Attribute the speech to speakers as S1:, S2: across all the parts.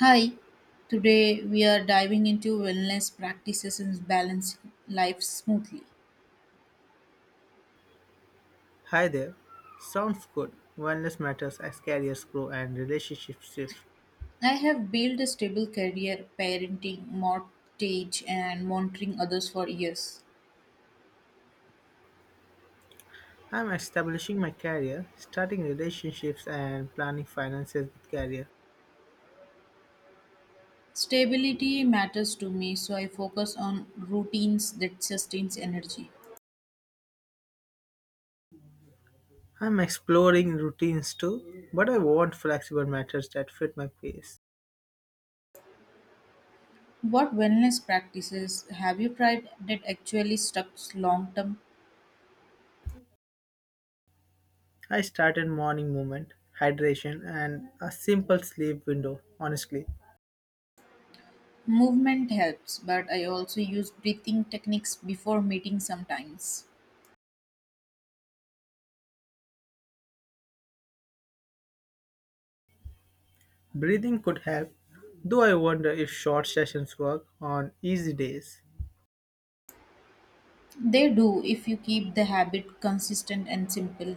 S1: Hi, today we are diving into wellness practices and balancing life smoothly.
S2: Hi there. Sounds good. Wellness matters as careers grow and relationships shift.
S1: I have built a stable career parenting, mortgage, and monitoring others for years.
S2: I'm establishing my career, starting relationships and planning finances with career.
S1: Stability matters to me, so I focus on routines that sustains energy.
S2: I'm exploring routines too, but I want flexible methods that fit my pace.
S1: What wellness practices have you tried that actually stuck long term?
S2: I started morning movement, hydration, and a simple sleep window, honestly.
S1: Movement helps, but I also use breathing techniques before meeting sometimes.
S2: Breathing could help, though I wonder if short sessions work on easy days.
S1: They do if you keep the habit consistent and simple.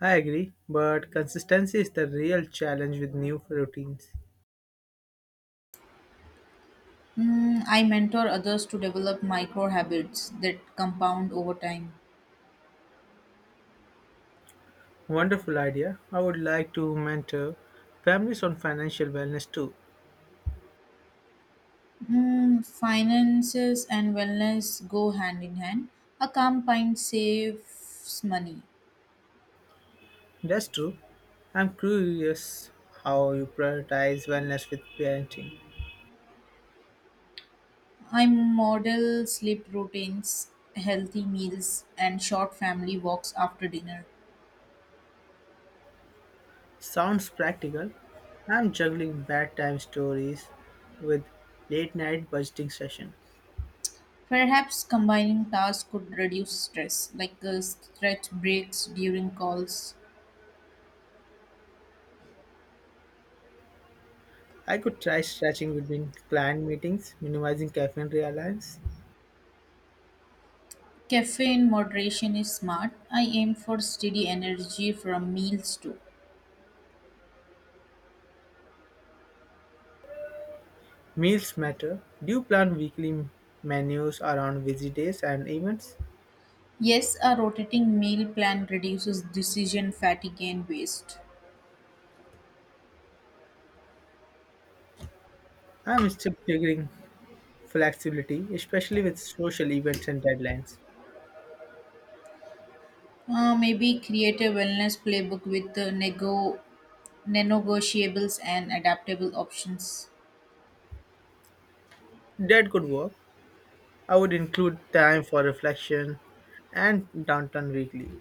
S2: I agree, but consistency is the real challenge with new routines.
S1: I mentor others to develop micro habits that compound over time.
S2: Wonderful idea. I would like to mentor families on financial wellness too.
S1: Finances and wellness go hand in hand. A calm mind saves money.
S2: That's true. I'm curious how you prioritize wellness with parenting.
S1: I model sleep routines, healthy meals, and short family walks after dinner.
S2: Sounds practical. I'm juggling bedtime stories with late night budgeting sessions.
S1: Perhaps combining tasks could reduce stress, like stretch breaks during calls.
S2: I could try stretching between client meetings, minimizing caffeine reliance.
S1: Caffeine in moderation is smart. I aim for steady energy from meals too.
S2: Meals matter. Do you plan weekly menus around busy days and events?
S1: Yes, a rotating meal plan reduces decision fatigue and waste.
S2: I'm still figuring flexibility, especially with social events and deadlines.
S1: Maybe create a wellness playbook with negotiables and adaptable options.
S2: That could work. I would include time for reflection and downtown weekly.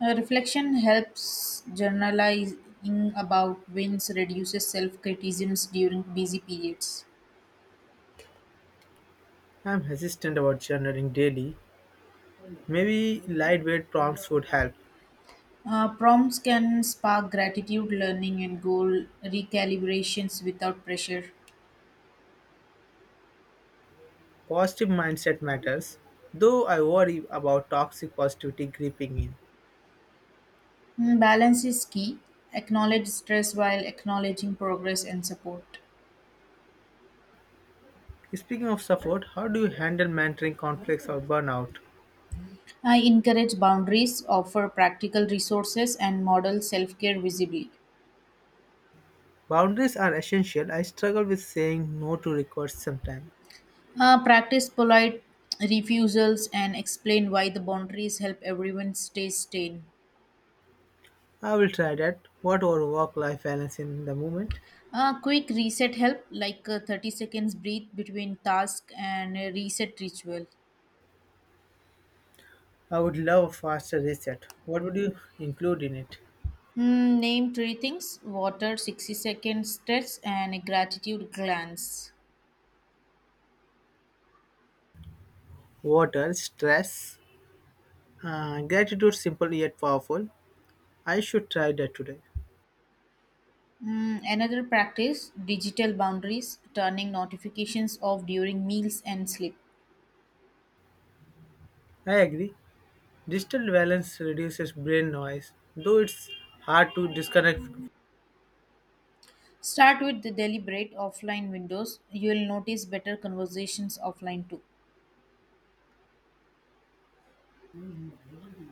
S1: Reflection helps journalizing about wins, reduces self criticisms during busy periods.
S2: I'm hesitant about journaling daily. Maybe lightweight prompts would help.
S1: Prompts can spark gratitude, learning, and goal recalibrations without pressure.
S2: Positive mindset matters, though I worry about toxic positivity creeping in.
S1: Balance is key. Acknowledge stress while acknowledging progress and support.
S2: Speaking of support, how do you handle mentoring conflicts or burnout?
S1: I encourage boundaries, offer practical resources, and model self care visibly.
S2: Boundaries are essential. I struggle with saying no to requests sometimes.
S1: Practice polite refusals and explain why the boundaries help everyone stay sane.
S2: I will try that. What our work life balance in the moment?
S1: A quick reset help, like 30 seconds breathe between task and a reset ritual.
S2: I would love a faster reset. What would you include in it?
S1: Name three things water, 60-second stretch, and a gratitude glance.
S2: Water, stress, gratitude, simple yet powerful. I should try that today.
S1: Another practice digital boundaries, turning notifications off during meals and sleep.
S2: I agree. Digital balance reduces brain noise, though it's hard to disconnect.
S1: Start with the deliberate offline windows. You will notice better conversations offline too.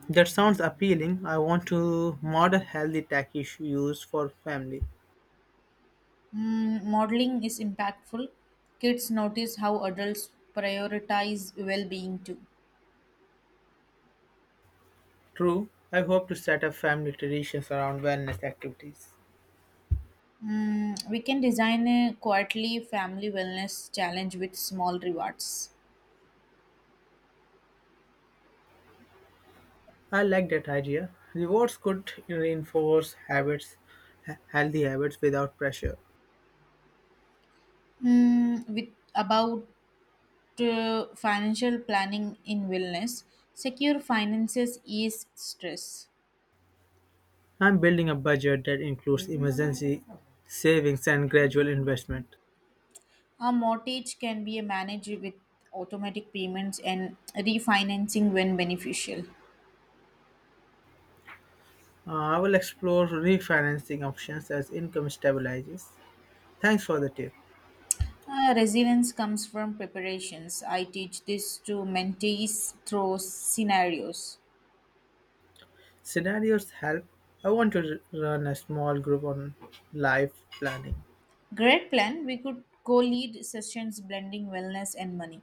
S2: That sounds appealing. I want to model healthy tech use for family.
S1: Modeling is impactful. Kids notice how adults prioritize well being too.
S2: True, I hope to set up family traditions around wellness activities.
S1: We can design a quarterly family wellness challenge with small rewards.
S2: I like that idea. Rewards could reinforce habits, healthy habits without pressure.
S1: Hmm. with about Financial planning in wellness, secure finances ease stress.
S2: I'm building a budget that includes emergency savings and gradual investment.
S1: A mortgage can be managed with automatic payments and refinancing when beneficial.
S2: I will explore refinancing options as income stabilizes. Thanks for the tip.
S1: Resilience comes from preparations. I teach this to mentees through scenarios.
S2: Scenarios help. I want to run a small group on life planning.
S1: Great plan. We could co lead sessions blending wellness and money.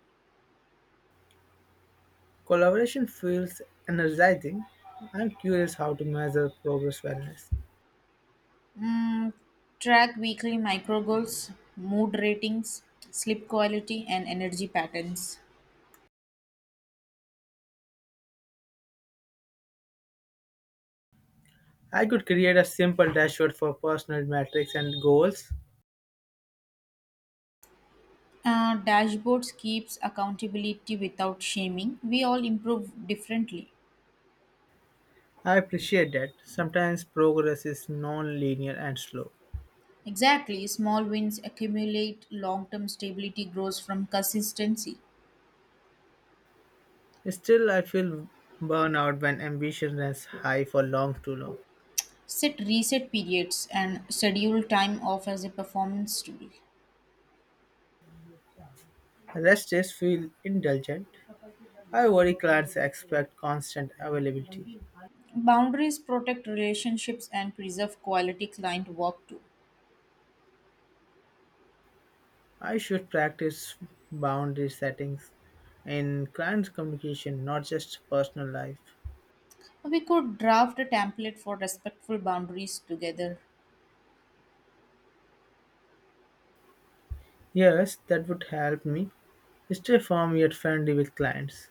S2: Collaboration feels energizing. I'm curious how to measure progress wellness.
S1: Mm, Track weekly micro goals, mood ratings, sleep quality, and energy patterns.
S2: I could create a simple dashboard for personal metrics and goals.
S1: Dashboards keeps accountability without shaming. We all improve differently.
S2: I appreciate that. Sometimes progress is non linear and slow.
S1: Exactly, small wins accumulate. Long-term stability grows from consistency.
S2: Still, I feel burnout when ambition is high for long too long.
S1: Set reset periods and schedule time off as a performance tool.
S2: Rest days feel indulgent. I worry clients expect constant availability.
S1: Boundaries protect relationships and preserve quality client work too.
S2: I should practice boundary settings in client communication, not just personal life.
S1: We could draft a template for respectful boundaries together.
S2: Yes, that would help me stay firm yet friendly with clients.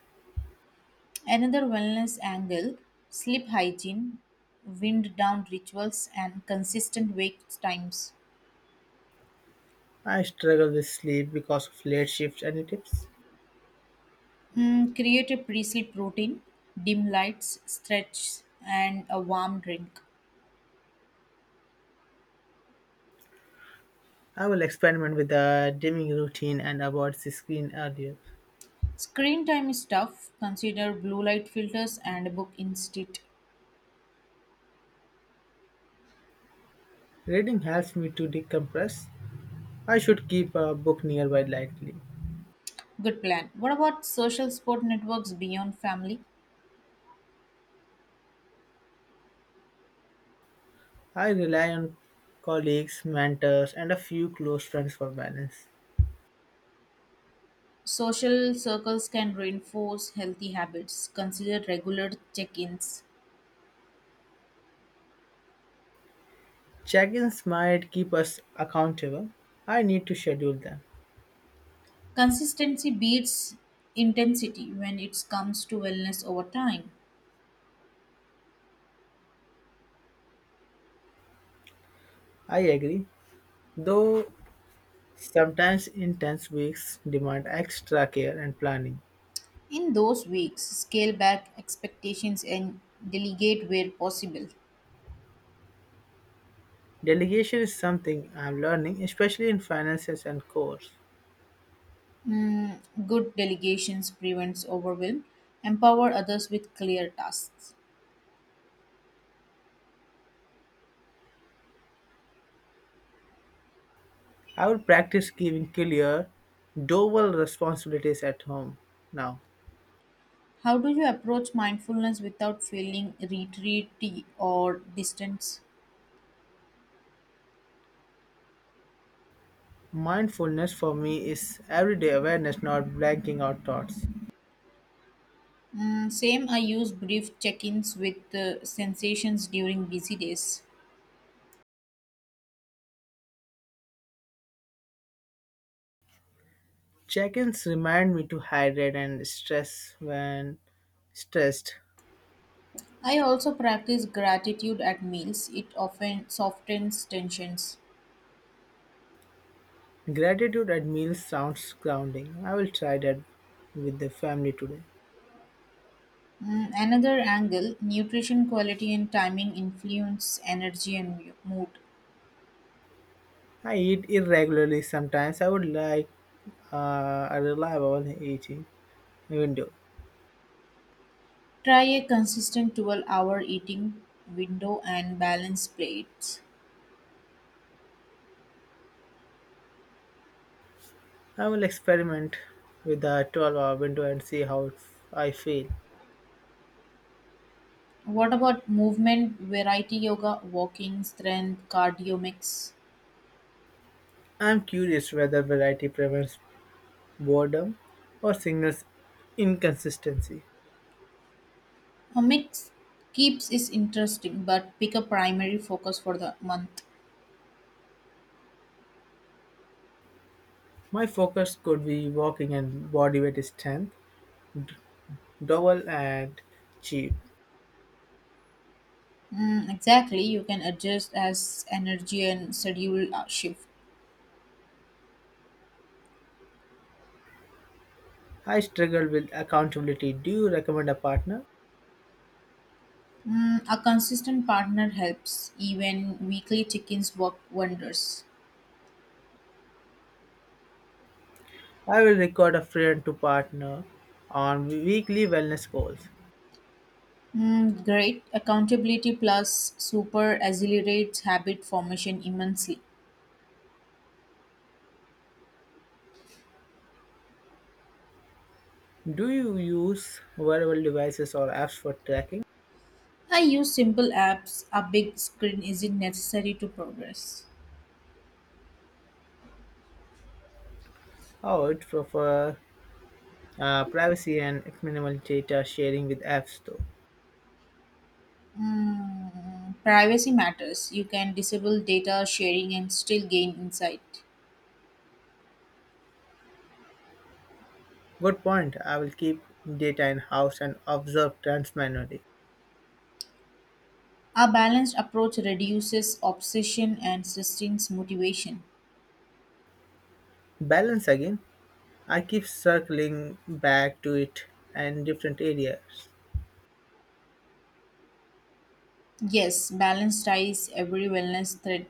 S1: Another wellness angle sleep hygiene, wind down rituals, and consistent wake times.
S2: I struggle with sleep because of late shifts. Any tips?
S1: Create a pre sleep routine, dim lights, stretch, and a warm drink.
S2: I will experiment with a dimming routine and avoid the screen earlier.
S1: Screen time is tough. Consider blue light filters and a book instead.
S2: Reading helps me to decompress. I should keep a book nearby lightly.
S1: Good plan. What about social support networks beyond family?
S2: I rely on colleagues, mentors, and a few close friends for balance.
S1: Social circles can reinforce healthy habits. Consider regular check ins.
S2: Check ins might keep us accountable. I need to schedule them.
S1: Consistency beats intensity when it comes to wellness over time.
S2: I agree. Though sometimes intense weeks demand extra care and planning.
S1: In those weeks, scale back expectations and delegate where possible.
S2: Delegation is something I am learning, especially in finances and course.
S1: Mm, Good delegations prevents overwhelm. Empower others with clear tasks.
S2: I will practice giving clear, dual responsibilities at home now.
S1: How do you approach mindfulness without feeling retreaty or distance?
S2: Mindfulness for me is everyday awareness, not blanking out thoughts.
S1: Same, I use brief check ins with sensations during busy days.
S2: Check ins remind me to hydrate and stress when stressed.
S1: I also practice gratitude at meals, it often softens tensions.
S2: Gratitude at meals sounds grounding. I will try that with the family today.
S1: Another angle nutrition quality and timing influence energy and mood.
S2: I eat irregularly sometimes. I would like a reliable eating window.
S1: Try a consistent 12-hour eating window and balance plates.
S2: I will experiment with the 12-hour window and see how I feel.
S1: What about movement, variety yoga, walking, strength, cardio mix?
S2: I'm curious whether variety prevents boredom or signals inconsistency.
S1: Comics keeps is interesting, but pick a primary focus for the month.
S2: My focus could be walking and bodyweight strength, double and cheap.
S1: Exactly, you can adjust as energy and schedule shift.
S2: I struggle with accountability. Do you recommend a partner?
S1: A consistent partner helps. Even weekly check-ins work wonders.
S2: I will record a friend to partner on weekly wellness goals.
S1: Great. Accountability plus super accelerates habit formation immensely.
S2: Do you use wearable devices or apps for tracking?
S1: I use simple apps. A big screen isn't necessary to progress.
S2: I would prefer privacy and minimal data sharing with apps, though.
S1: Privacy matters. You can disable data sharing and still gain insight.
S2: Good point. I will keep data in house and observe trends manually.
S1: A balanced approach reduces obsession and sustains motivation.
S2: Balance again. I keep circling back to it and different areas.
S1: Yes, balance ties every wellness thread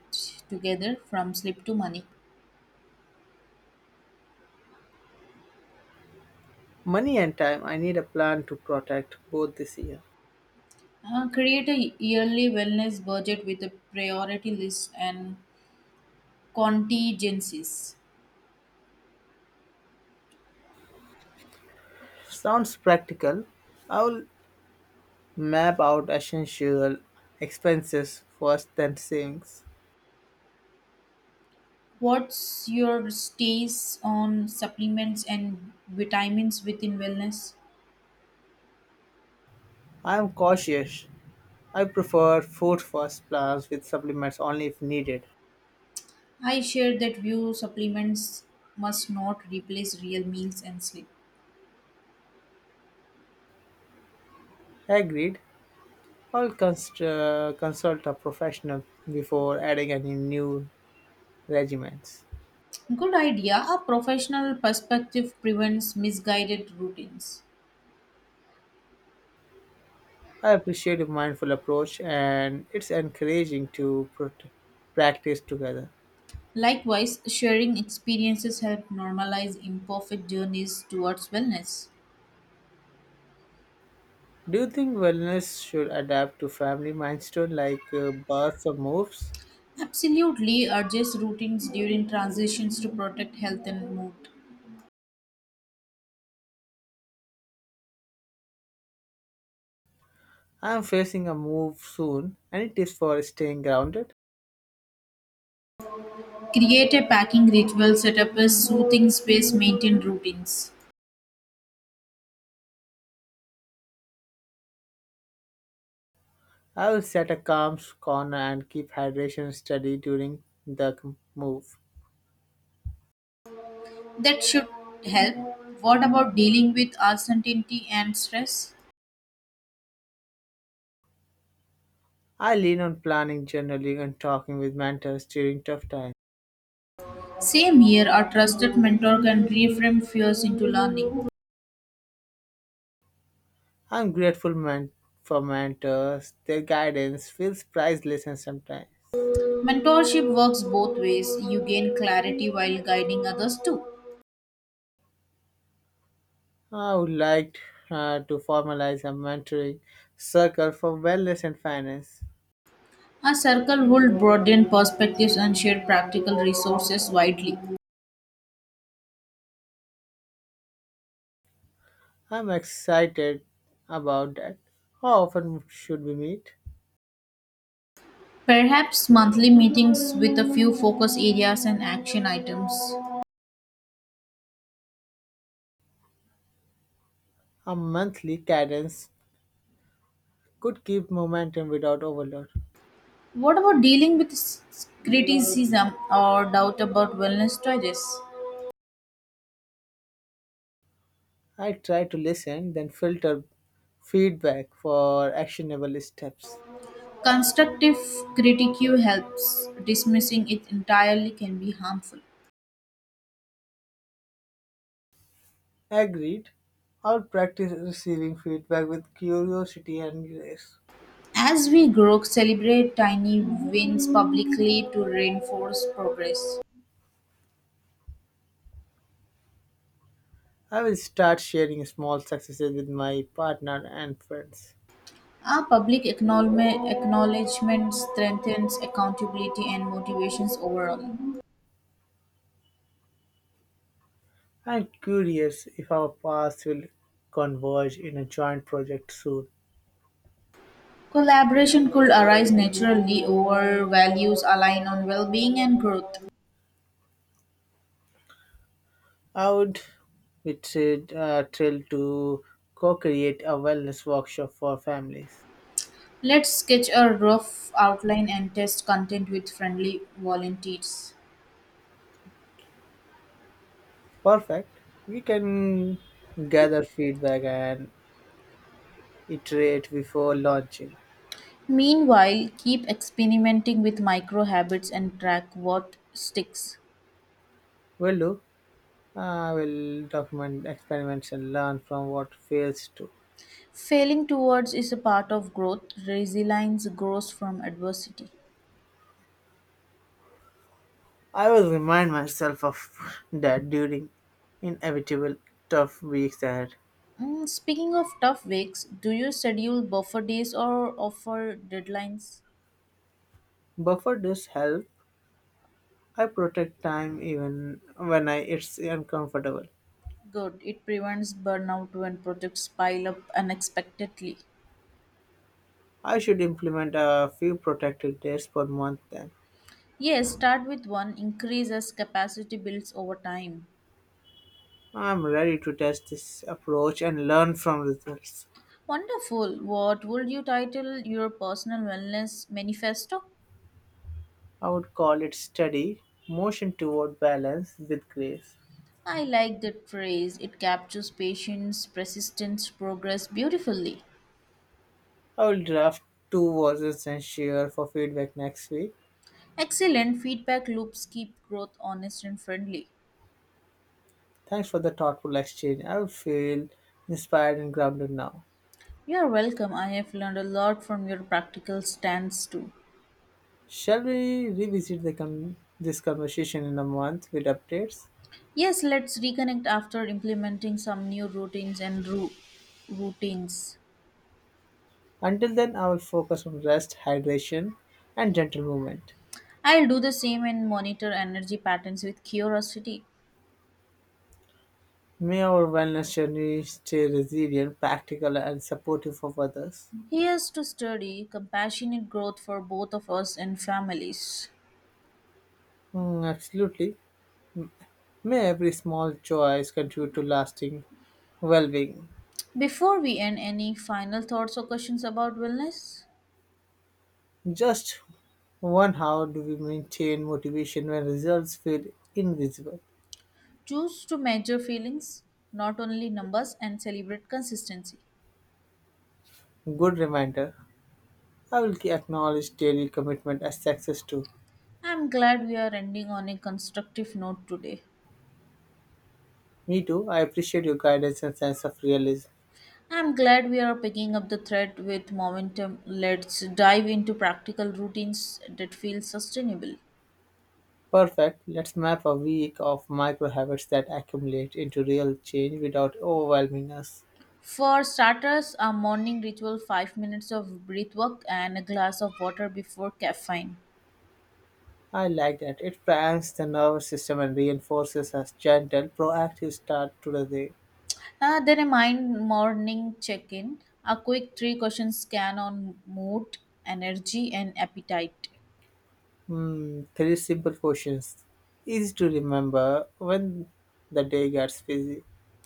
S1: together from sleep to money.
S2: Money and time. I need a plan to protect both this year.
S1: Create a yearly wellness budget with a priority list and contingencies.
S2: Sounds practical. I will map out essential expenses first, then savings.
S1: What's your stays on supplements and vitamins within wellness?
S2: I am cautious. I prefer fruit first plans with supplements only if needed.
S1: I share that view supplements must not replace real meals and sleep.
S2: Agreed. I'll consult a professional before adding any new regimens.
S1: Good idea. A professional perspective prevents misguided routines.
S2: I appreciate your mindful approach and it's encouraging to practice together.
S1: Likewise, sharing experiences help normalize imperfect journeys towards wellness.
S2: Do you think wellness should adapt to family milestone like births or moves?
S1: Absolutely, adjust routines during transitions to protect health and mood.
S2: I'm facing a move soon. Any tips for staying grounded?
S1: Create a packing ritual, set up a soothing space, maintain routines.
S2: I will set a calm corner and keep hydration steady during the move.
S1: That should help. What about dealing with uncertainty and stress?
S2: I lean on planning, journaling, and talking with mentors during tough times.
S1: Same here, a trusted mentor can reframe fears into learning.
S2: I'm grateful for mentors. Their guidance feels priceless and sometimes.
S1: Mentorship works both ways. You gain clarity while guiding others too.
S2: I would like to formalize a mentoring circle for wellness and finance.
S1: A circle would broaden perspectives and share practical resources widely.
S2: I'm excited about that. How often should we meet?
S1: Perhaps monthly meetings with a few focus areas and action items.
S2: A monthly cadence could keep momentum without overload.
S1: What about dealing with criticism or doubt about wellness choices?
S2: I try to listen, then filter feedback for actionable steps.
S1: Constructive critique helps. Dismissing it entirely can be harmful.
S2: Agreed. I'll practice receiving feedback with curiosity and grace.
S1: As we grow, celebrate tiny wins publicly to reinforce progress.
S2: I will start sharing small successes with my partner and friends.
S1: Our public acknowledgement strengthens accountability and motivations overall.
S2: I'm curious if our paths will converge in a joint project soon.
S1: Collaboration could arise naturally over values aligned on well being and growth.
S2: I would be thrilled to co create a wellness workshop for families.
S1: Let's sketch a rough outline and test content with friendly volunteers.
S2: Perfect. We can gather feedback and iterate before launching.
S1: Meanwhile, keep experimenting with micro habits and track what sticks.
S2: Will do. I will document experiments and learn from what fails too.
S1: Failing towards is a part of growth. Resilience grows from adversity.
S2: I will remind myself of that during inevitable tough weeks ahead.
S1: Speaking of tough weeks, do you schedule buffer days or offer deadlines?
S2: Buffer does help. I protect time even when I it's uncomfortable.
S1: Good. It prevents burnout when projects pile up unexpectedly.
S2: I should implement a few protected days per month then.
S1: Yes, start with one, increase as capacity builds over time.
S2: I'm ready to test this approach and learn from results.
S1: Wonderful. What would you title your personal wellness manifesto?
S2: I would call it steady motion toward balance with grace.
S1: I like that phrase. It captures patience, persistence, progress beautifully.
S2: I will draft two verses and share for feedback next week.
S1: Excellent feedback loops keep growth honest and friendly.
S2: Thanks for the thoughtful exchange. I will feel inspired and grounded now.
S1: You are welcome. I have learned a lot from your practical stance too.
S2: Shall we revisit the this conversation in a month with updates?
S1: Yes, let's reconnect after implementing some new routines.
S2: Until then, I will focus on rest, hydration, and gentle movement.
S1: I'll do the same and monitor energy patterns with curiosity.
S2: May our wellness journey stay resilient, practical, and supportive of others.
S1: Here's to study compassionate growth for both of us and families.
S2: Mm, absolutely. May every small choice contribute to lasting well being.
S1: Before we end, any final thoughts or questions about wellness?
S2: Just one, how do we maintain motivation when results feel invisible?
S1: Choose to measure feelings, not only numbers, and celebrate consistency.
S2: Good reminder. I will acknowledge daily commitment as success too.
S1: I'm glad we are ending on a constructive note today.
S2: Me too. I appreciate your guidance and sense of realism.
S1: I'm glad we are picking up the thread with momentum. Let's dive into practical routines that feel sustainable.
S2: Perfect. Let's map a week of micro habits that accumulate into real change without overwhelming us.
S1: For starters, a morning ritual 5 minutes of breath work and a glass of water before caffeine.
S2: I like that. It primes the nervous system and reinforces a gentle, proactive start to the day.
S1: Then a mind morning check in, a quick three question scan on mood, energy, and appetite.
S2: Hmm, three simple questions. Easy to remember when the day gets busy.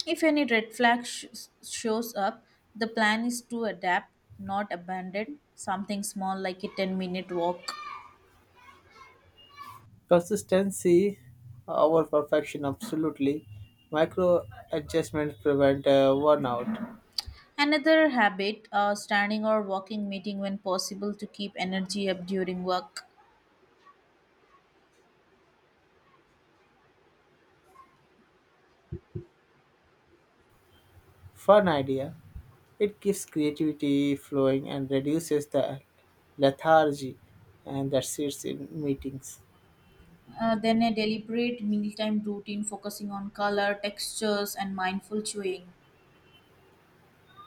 S1: If any red flag shows up, the plan is to adapt, not abandon something small like a 10-minute walk.
S2: Consistency over perfection, absolutely. Micro adjustments prevent burnout.
S1: Another habit, standing or walking meeting when possible to keep energy up during work.
S2: Fun idea. It keeps creativity flowing and reduces the lethargy and that sits in meetings.
S1: Then a deliberate mealtime routine focusing on color, textures, and mindful chewing.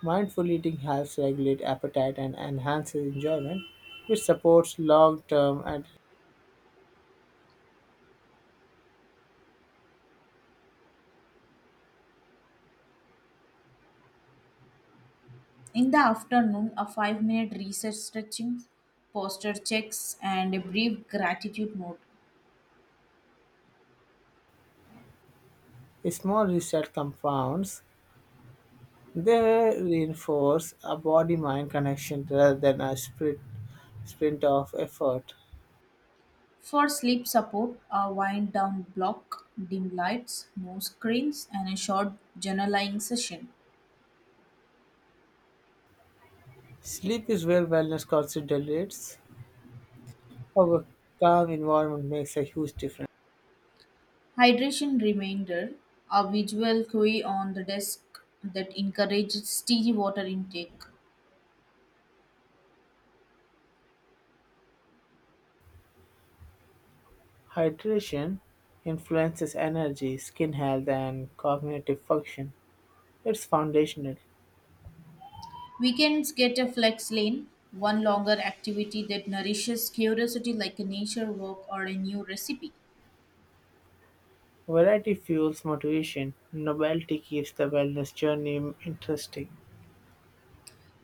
S2: Mindful eating helps regulate appetite and enhances enjoyment, which supports long term and
S1: In the afternoon, a 5-minute research stretching, posture checks, and a brief gratitude note.
S2: small reset compounds. They reinforce a body mind connection rather than a sprint of effort.
S1: For sleep support, a wind down block, dim lights, no screens, and a short journaling session.
S2: Sleep is where wellness concentrates. Our calm environment makes a huge difference.
S1: Hydration reminder, a visual cue on the desk that encourages steady water intake.
S2: Hydration influences energy, skin health, and cognitive function. It's foundational.
S1: Weekends get a flex lane, one longer activity that nourishes curiosity like a nature walk or a new recipe.
S2: Variety fuels motivation. Novelty keeps the wellness journey interesting.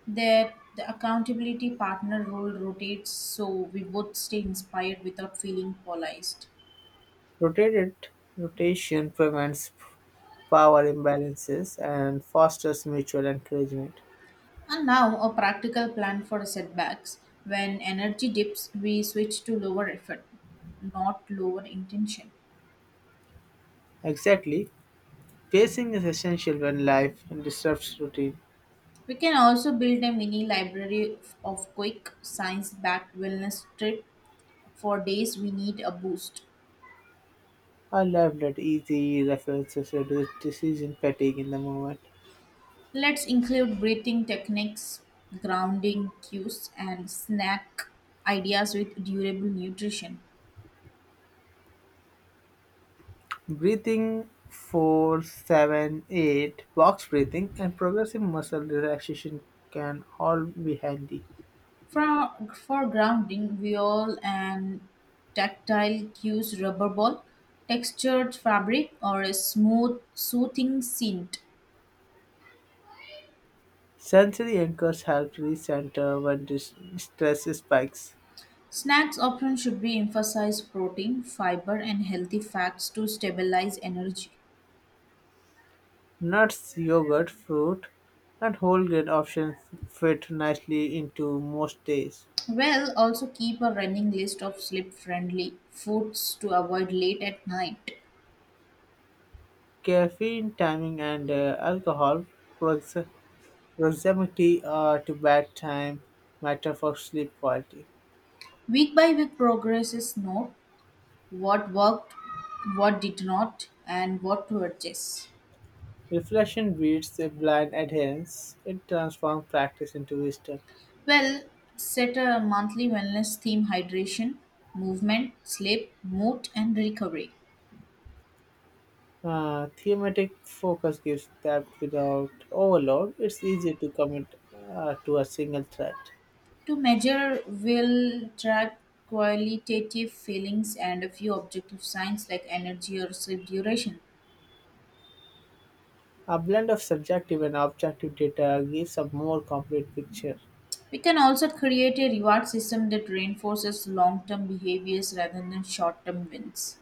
S1: There, the accountability partner role rotates so we both stay inspired without feeling polarized.
S2: Rotated rotation prevents power imbalances and fosters mutual encouragement.
S1: And now, a practical plan for setbacks. When energy dips, we switch to lower effort, not lower intention.
S2: Exactly. Pacing is essential when life disrupts routine.
S1: We can also build a mini library of quick science backed wellness trip for days we need a boost.
S2: A life-led easy references reduce decision fatigue in the moment.
S1: Let's include breathing techniques, grounding cues, and snack ideas with durable nutrition.
S2: Breathing 4-7-8 box breathing, and progressive muscle relaxation can all be handy.
S1: For grounding, viol and tactile cues, rubber ball, textured fabric, or a smooth, soothing scent.
S2: Sensory anchors help recenter when stress spikes.
S1: Snacks option should be emphasize protein, fiber, and healthy fats to stabilize energy.
S2: Nuts, yogurt, fruit, and whole grain options fit nicely into most days.
S1: Well, also keep a running list of sleep friendly foods to avoid late at night.
S2: Caffeine timing and alcohol prox- proximity to bedtime matter for sleep quality.
S1: Week by week progress is note what worked, what did not, and what to adjust.
S2: Reflection beats a blind adherence. It transforms practice into wisdom.
S1: Well, set a monthly wellness theme hydration, movement, sleep, mood, and recovery.
S2: Thematic focus gives depth without overload. It's easy to commit to a single thread.
S1: To measure, we'll track qualitative feelings and a few objective signs like energy or sleep duration.
S2: A blend of subjective and objective data gives a more complete picture.
S1: We can also create a reward system that reinforces long term behaviors rather than short term wins.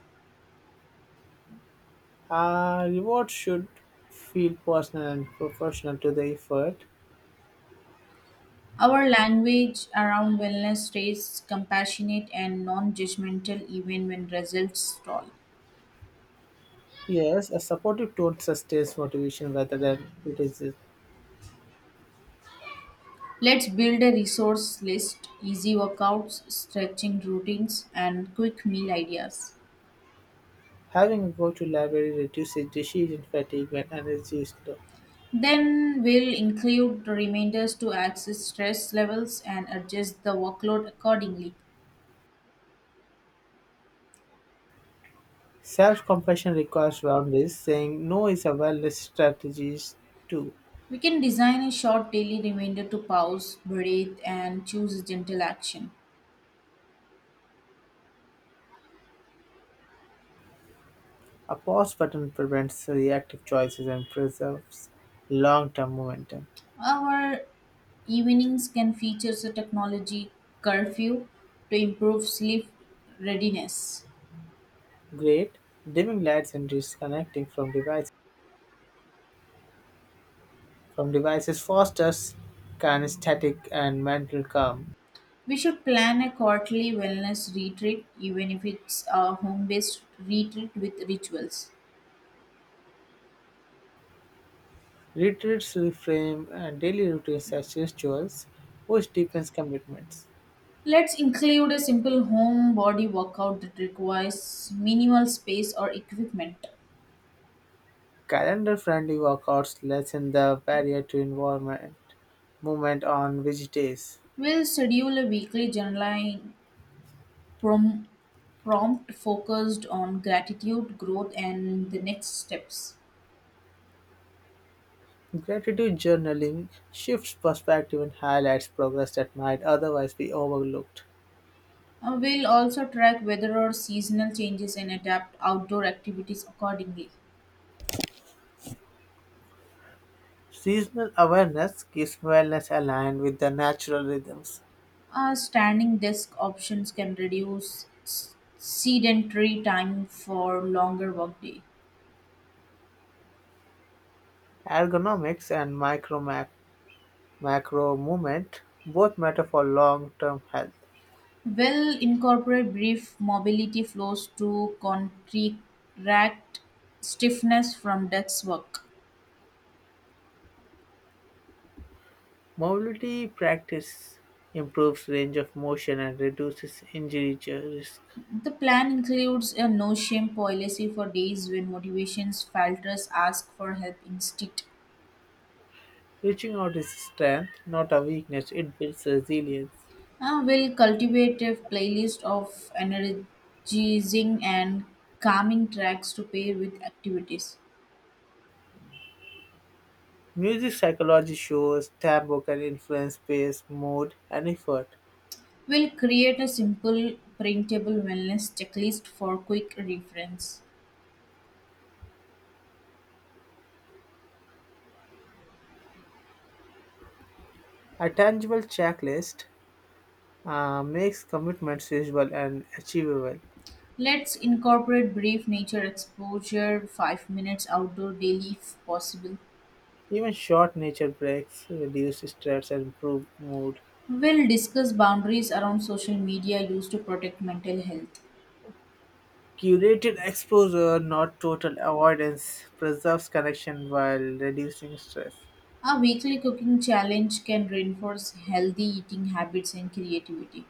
S2: A reward should feel personal and proportional to the effort.
S1: Our language around wellness stays compassionate and non judgmental even when results stall.
S2: Yes, a supportive tone sustains motivation rather than criticism.
S1: Let's build a resource list, easy workouts, stretching routines, and quick meal ideas.
S2: Having a go to library reduces decision fatigue when energy is low.
S1: Then we'll include reminders to access stress levels and adjust the workload accordingly.
S2: Self compassion requires boundaries, saying no is a wellness strategy too.
S1: We can design a short daily reminder to pause, breathe, and choose a gentle action.
S2: A pause button prevents reactive choices and preserves long term momentum.
S1: Our evenings can feature a technology curfew to improve sleep readiness.
S2: Great, dimming lights and disconnecting from devices fosters kinesthetic and mental calm.
S1: We should plan a quarterly wellness retreat, even if it's a home based retreat with rituals.
S2: Retreats reframe and daily routines as rituals, which deepens commitments.
S1: Let's include a simple home body workout that requires minimal space or equipment.
S2: Calendar-friendly workouts lessen the barrier to involvement movement on which days.
S1: We'll schedule a weekly journaling prom- prompt focused on gratitude, growth, and the next steps.
S2: Gratitude journaling shifts perspective and highlights progress that might otherwise be overlooked.
S1: We'll also track weather or seasonal changes and adapt outdoor activities accordingly.
S2: Seasonal awareness keeps wellness aligned with the natural rhythms.
S1: Standing desk options can reduce sedentary time for longer workday.
S2: Ergonomics and micro-macro movement both matter for long-term health.
S1: Will incorporate brief mobility flows to contract stiffness from desk work.
S2: Mobility practice improves range of motion and reduces injury risk.
S1: The plan includes a no shame policy for days when motivations falters ask for help instead.
S2: Reaching out is strength, not a weakness. It builds resilience.
S1: Will cultivate a playlist of energizing and calming tracks to pair with activities.
S2: Music psychology shows tempo can influence pace, mood, and effort.
S1: We'll create a simple, printable wellness checklist for quick reference.
S2: A tangible checklist makes commitments visible and achievable.
S1: Let's incorporate brief nature exposure, 5 minutes outdoor daily if possible.
S2: Even short nature breaks reduce stress and improve mood.
S1: We'll discuss boundaries around social media used to protect mental health.
S2: Curated exposure, not total avoidance, preserves connection while reducing stress.
S1: A weekly cooking challenge can reinforce healthy eating habits and creativity.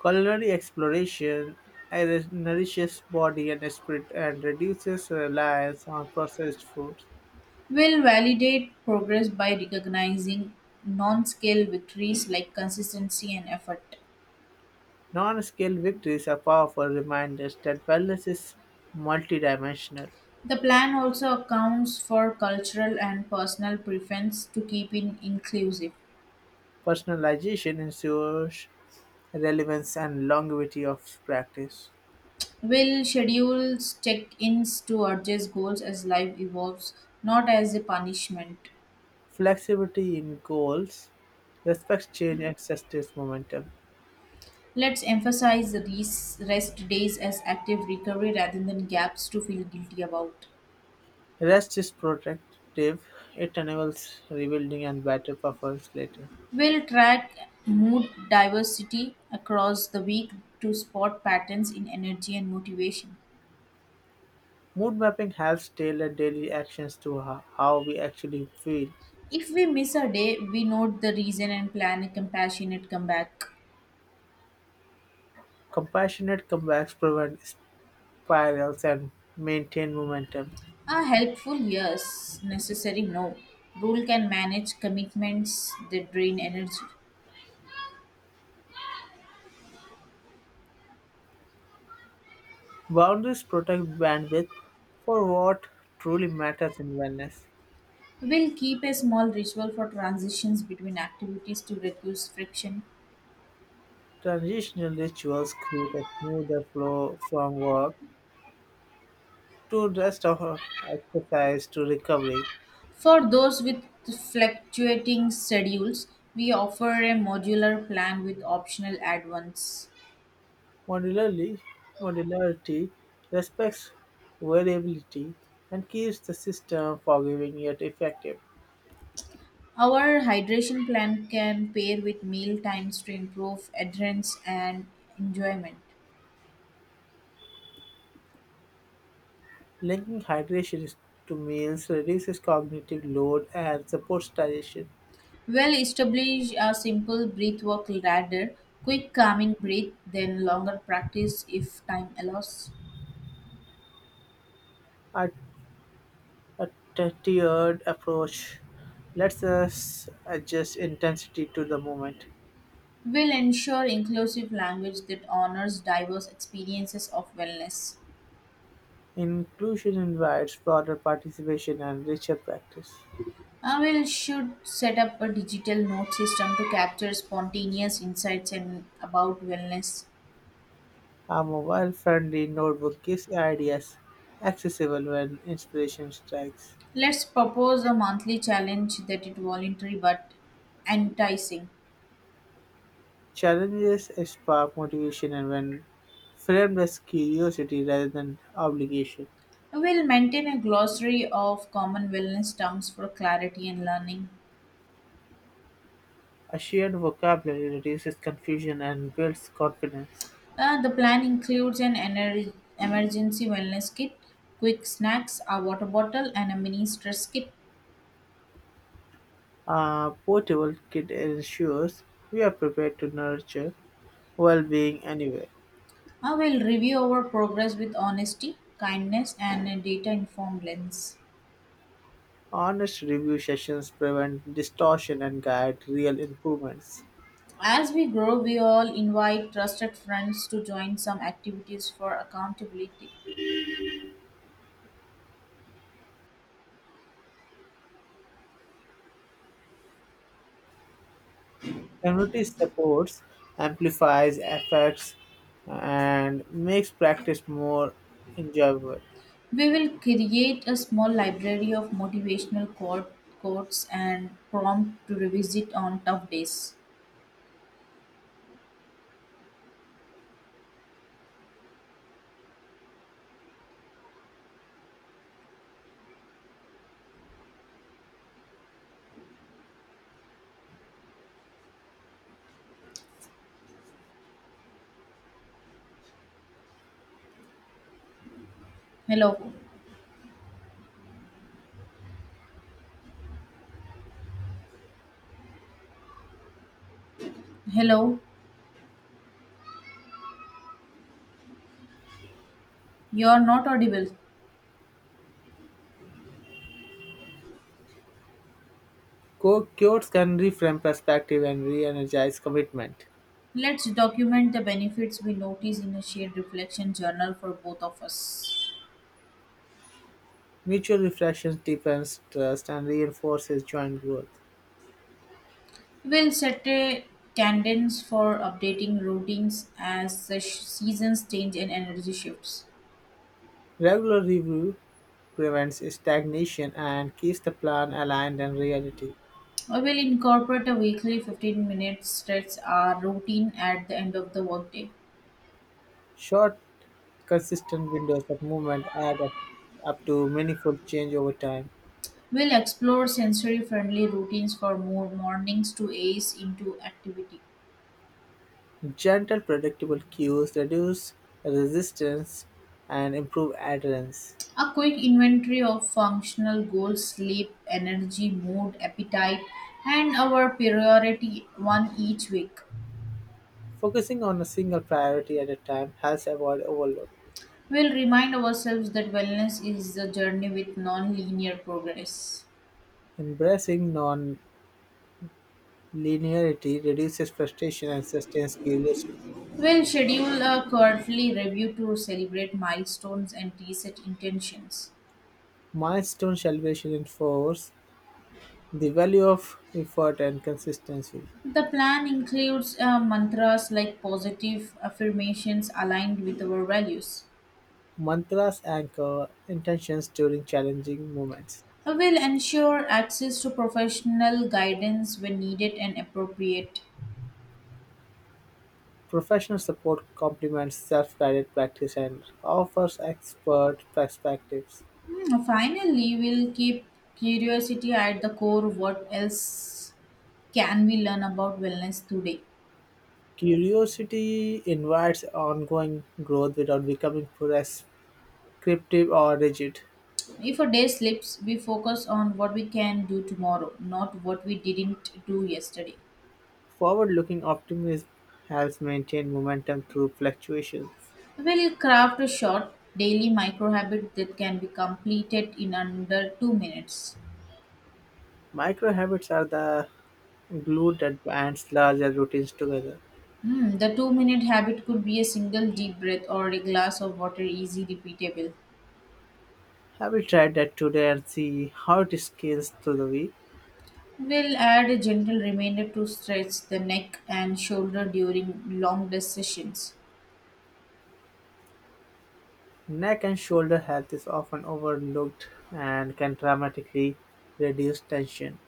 S2: Culinary exploration nourishes body and spirit and reduces reliance on processed foods.
S1: We'll validate progress by recognizing non scale victories like consistency and effort.
S2: Non scale victories are powerful reminders that wellness is multidimensional.
S1: The plan also accounts for cultural and personal preference to keep it inclusive.
S2: Personalization ensures relevance and longevity of practice.
S1: Will schedules check-ins to adjust goals as life evolves, not as a punishment.
S2: Flexibility in goals respects change and sustains momentum.
S1: Let's emphasize the rest days as active recovery rather than gaps to feel guilty about.
S2: Rest is protective; it enables rebuilding and better performance later.
S1: We'll track mood diversity across the week to spot patterns in energy and motivation.
S2: Mood mapping helps tailor daily actions to how we actually feel.
S1: If we miss a day, we note the reason and plan a compassionate comeback.
S2: Compassionate comebacks prevent spirals and maintain momentum.
S1: A helpful yes, necessary no. Rule can manage commitments that drain energy.
S2: Boundaries protect bandwidth for what truly matters in wellness.
S1: We'll keep a small ritual for transitions between activities to reduce friction.
S2: Transitional rituals create a smoother flow from work to rest or exercise to recovery.
S1: For those with fluctuating schedules, we offer a modular plan with optional add-ons.
S2: Modularly, modularity respects variability and keeps the system forgiving yet effective.
S1: Our hydration plan can pair with meal times to improve adherence and enjoyment.
S2: Linking hydration to meals reduces cognitive load and supports digestion.
S1: Well, establish a simple breath work ladder, quick calming breath, then longer practice if time allows.
S2: A, a tiered approach lets us adjust intensity to the moment.
S1: Will ensure inclusive language that honors diverse experiences of wellness.
S2: Inclusion invites broader participation and richer practice.
S1: I will should set up a digital note system to capture spontaneous insights and about wellness.
S2: A mobile friendly notebook gives ideas accessible when inspiration strikes.
S1: Let's propose a monthly challenge that is voluntary but enticing.
S2: Challenges spark motivation, and when framed as curiosity rather than obligation,
S1: We'll maintain a glossary of common wellness terms for clarity and learning.
S2: a shared vocabulary reduces confusion and builds confidence.
S1: The plan includes an emergency wellness kit, quick snacks, a water bottle, and a mini stress kit.
S2: A portable kit ensures we are prepared to nurture well being anywhere.
S1: I will review our progress with honesty, kindness, and a data informed lens.
S2: Honest review sessions prevent distortion and guide real improvements.
S1: As we grow, we all invite trusted friends to join some activities for accountability.
S2: Community supports amplifies effects and makes practice more enjoyable.
S1: We will create a small library of motivational quotes and prompt to revisit on tough days. Hello, hello, you are not audible.
S2: Cures can reframe perspective and re-energize commitment.
S1: Let's document the benefits we notice in a shared reflection journal for both of us.
S2: Mutual reflection deepens trust and reinforces joint growth.
S1: We'll set a cadence for updating routines as the seasons change and energy shifts.
S2: Regular review prevents stagnation and keeps the plan aligned and reality.
S1: I will incorporate a weekly 15-minute stretch or routine at the end of the workday.
S2: Short, consistent windows of movement add up to meaningful change over time.
S1: We'll explore sensory friendly routines for more mornings to ease into activity.
S2: Gentle, predictable cues reduce resistance and improve adherence.
S1: A quick inventory of functional goals, sleep, energy, mood, appetite, and our priority one each week
S2: Focusing on a single priority at a time helps avoid overload.
S1: will remind ourselves that wellness is a journey with non linear progress.
S2: Embracing non-linearity reduces frustration and sustains curiosity.
S1: We'll schedule a quarterly review to celebrate milestones and reset intentions.
S2: Milestone celebration enforce the value of effort and consistency.
S1: The plan includes mantras like positive affirmations aligned with our values
S2: Mantras anchor intentions during challenging moments.
S1: will ensure access to professional guidance when needed and appropriate.
S2: Professional support complements self-guided practice and offers expert perspectives.
S1: Finally, we'll keep curiosity at the core. What else can we learn about wellness today?
S2: Curiosity invites ongoing growth without becoming prescriptive or rigid.
S1: If a day slips, we focus on what we can do tomorrow, not what we didn't do yesterday.
S2: Forward looking optimism helps maintain momentum through fluctuations.
S1: We'll craft a short daily micro habit that can be completed in under 2 minutes.
S2: Micro habits are the glue that binds larger routines together.
S1: The 2 minute habit could be a single deep breath or a glass of water, easy repeatable.
S2: Have you tried that today and see how it scales through the week?
S1: We'll add a gentle reminder to stretch the neck and shoulder during long desk sessions.
S2: Neck and shoulder health is often overlooked and can dramatically reduce tension.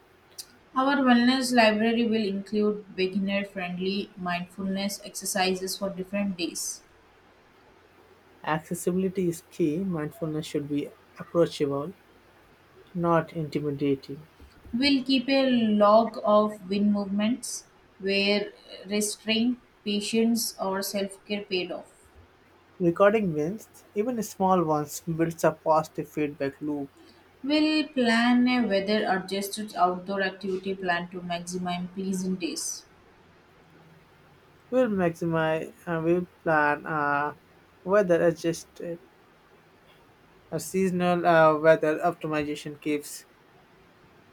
S1: Our wellness library will include beginner friendly mindfulness exercises for different days.
S2: Accessibility is key. Mindfulness should be approachable, not intimidating.
S1: We'll keep a log of wind movements where restraint, patience, or self care paid off.
S2: Recording wins, even small ones, builds a positive feedback loop.
S1: We'll plan a weather adjusted outdoor activity plan to maximize pleasant days.
S2: We'll maximize and we'll plan weather adjusted. A seasonal weather optimization keeps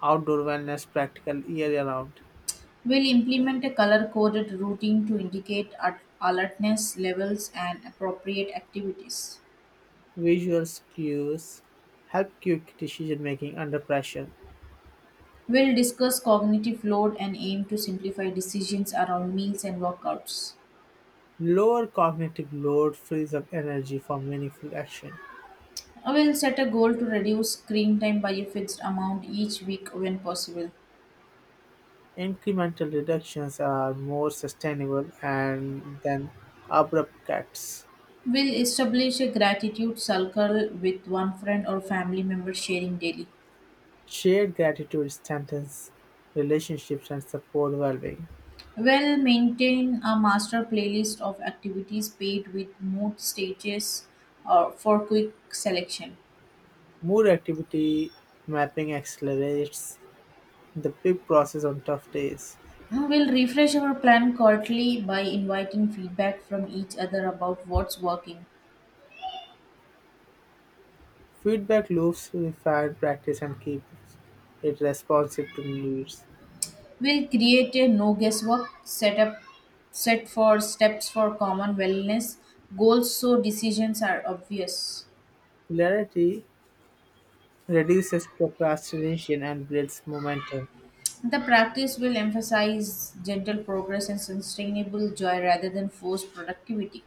S2: outdoor wellness practical year round.
S1: We'll implement a color coded routing to indicate at alertness levels and appropriate activities.
S2: Visual cues help quick decision making under pressure.
S1: We'll discuss cognitive load and aim to simplify decisions around meals and workouts.
S2: Lower cognitive load frees up energy for meaningful action.
S1: I will set a goal to reduce screen time by a fixed amount each week when possible.
S2: Incremental reductions are more sustainable and than abrupt cuts.
S1: We'll establish a gratitude circle with one friend or family member sharing daily.
S2: Shared gratitude strengthens relationships and support well-being.
S1: Well, maintain a master playlist of activities paid with mood stages or for quick selection.
S2: More activity mapping accelerates the big process on tough days.
S1: We'll refresh our plan quarterly by inviting feedback from each other about what's working.
S2: Feedback loops refine practice and keeps it responsive to needs.
S1: We'll create a no guesswork setup set for steps for common wellness goals so decisions are obvious.
S2: Clarity reduces procrastination and builds momentum.
S1: The practice will emphasize gentle progress and sustainable joy rather than forced productivity.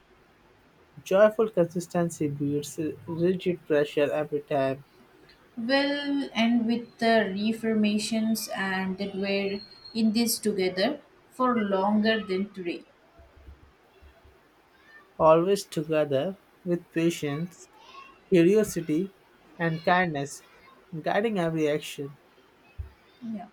S2: Joyful consistency beats rigid pressure every time.
S1: Will end with the reformations and that we're in this together for longer than today.
S2: Always together with patience, curiosity, and kindness, guiding every action.
S1: Yeah.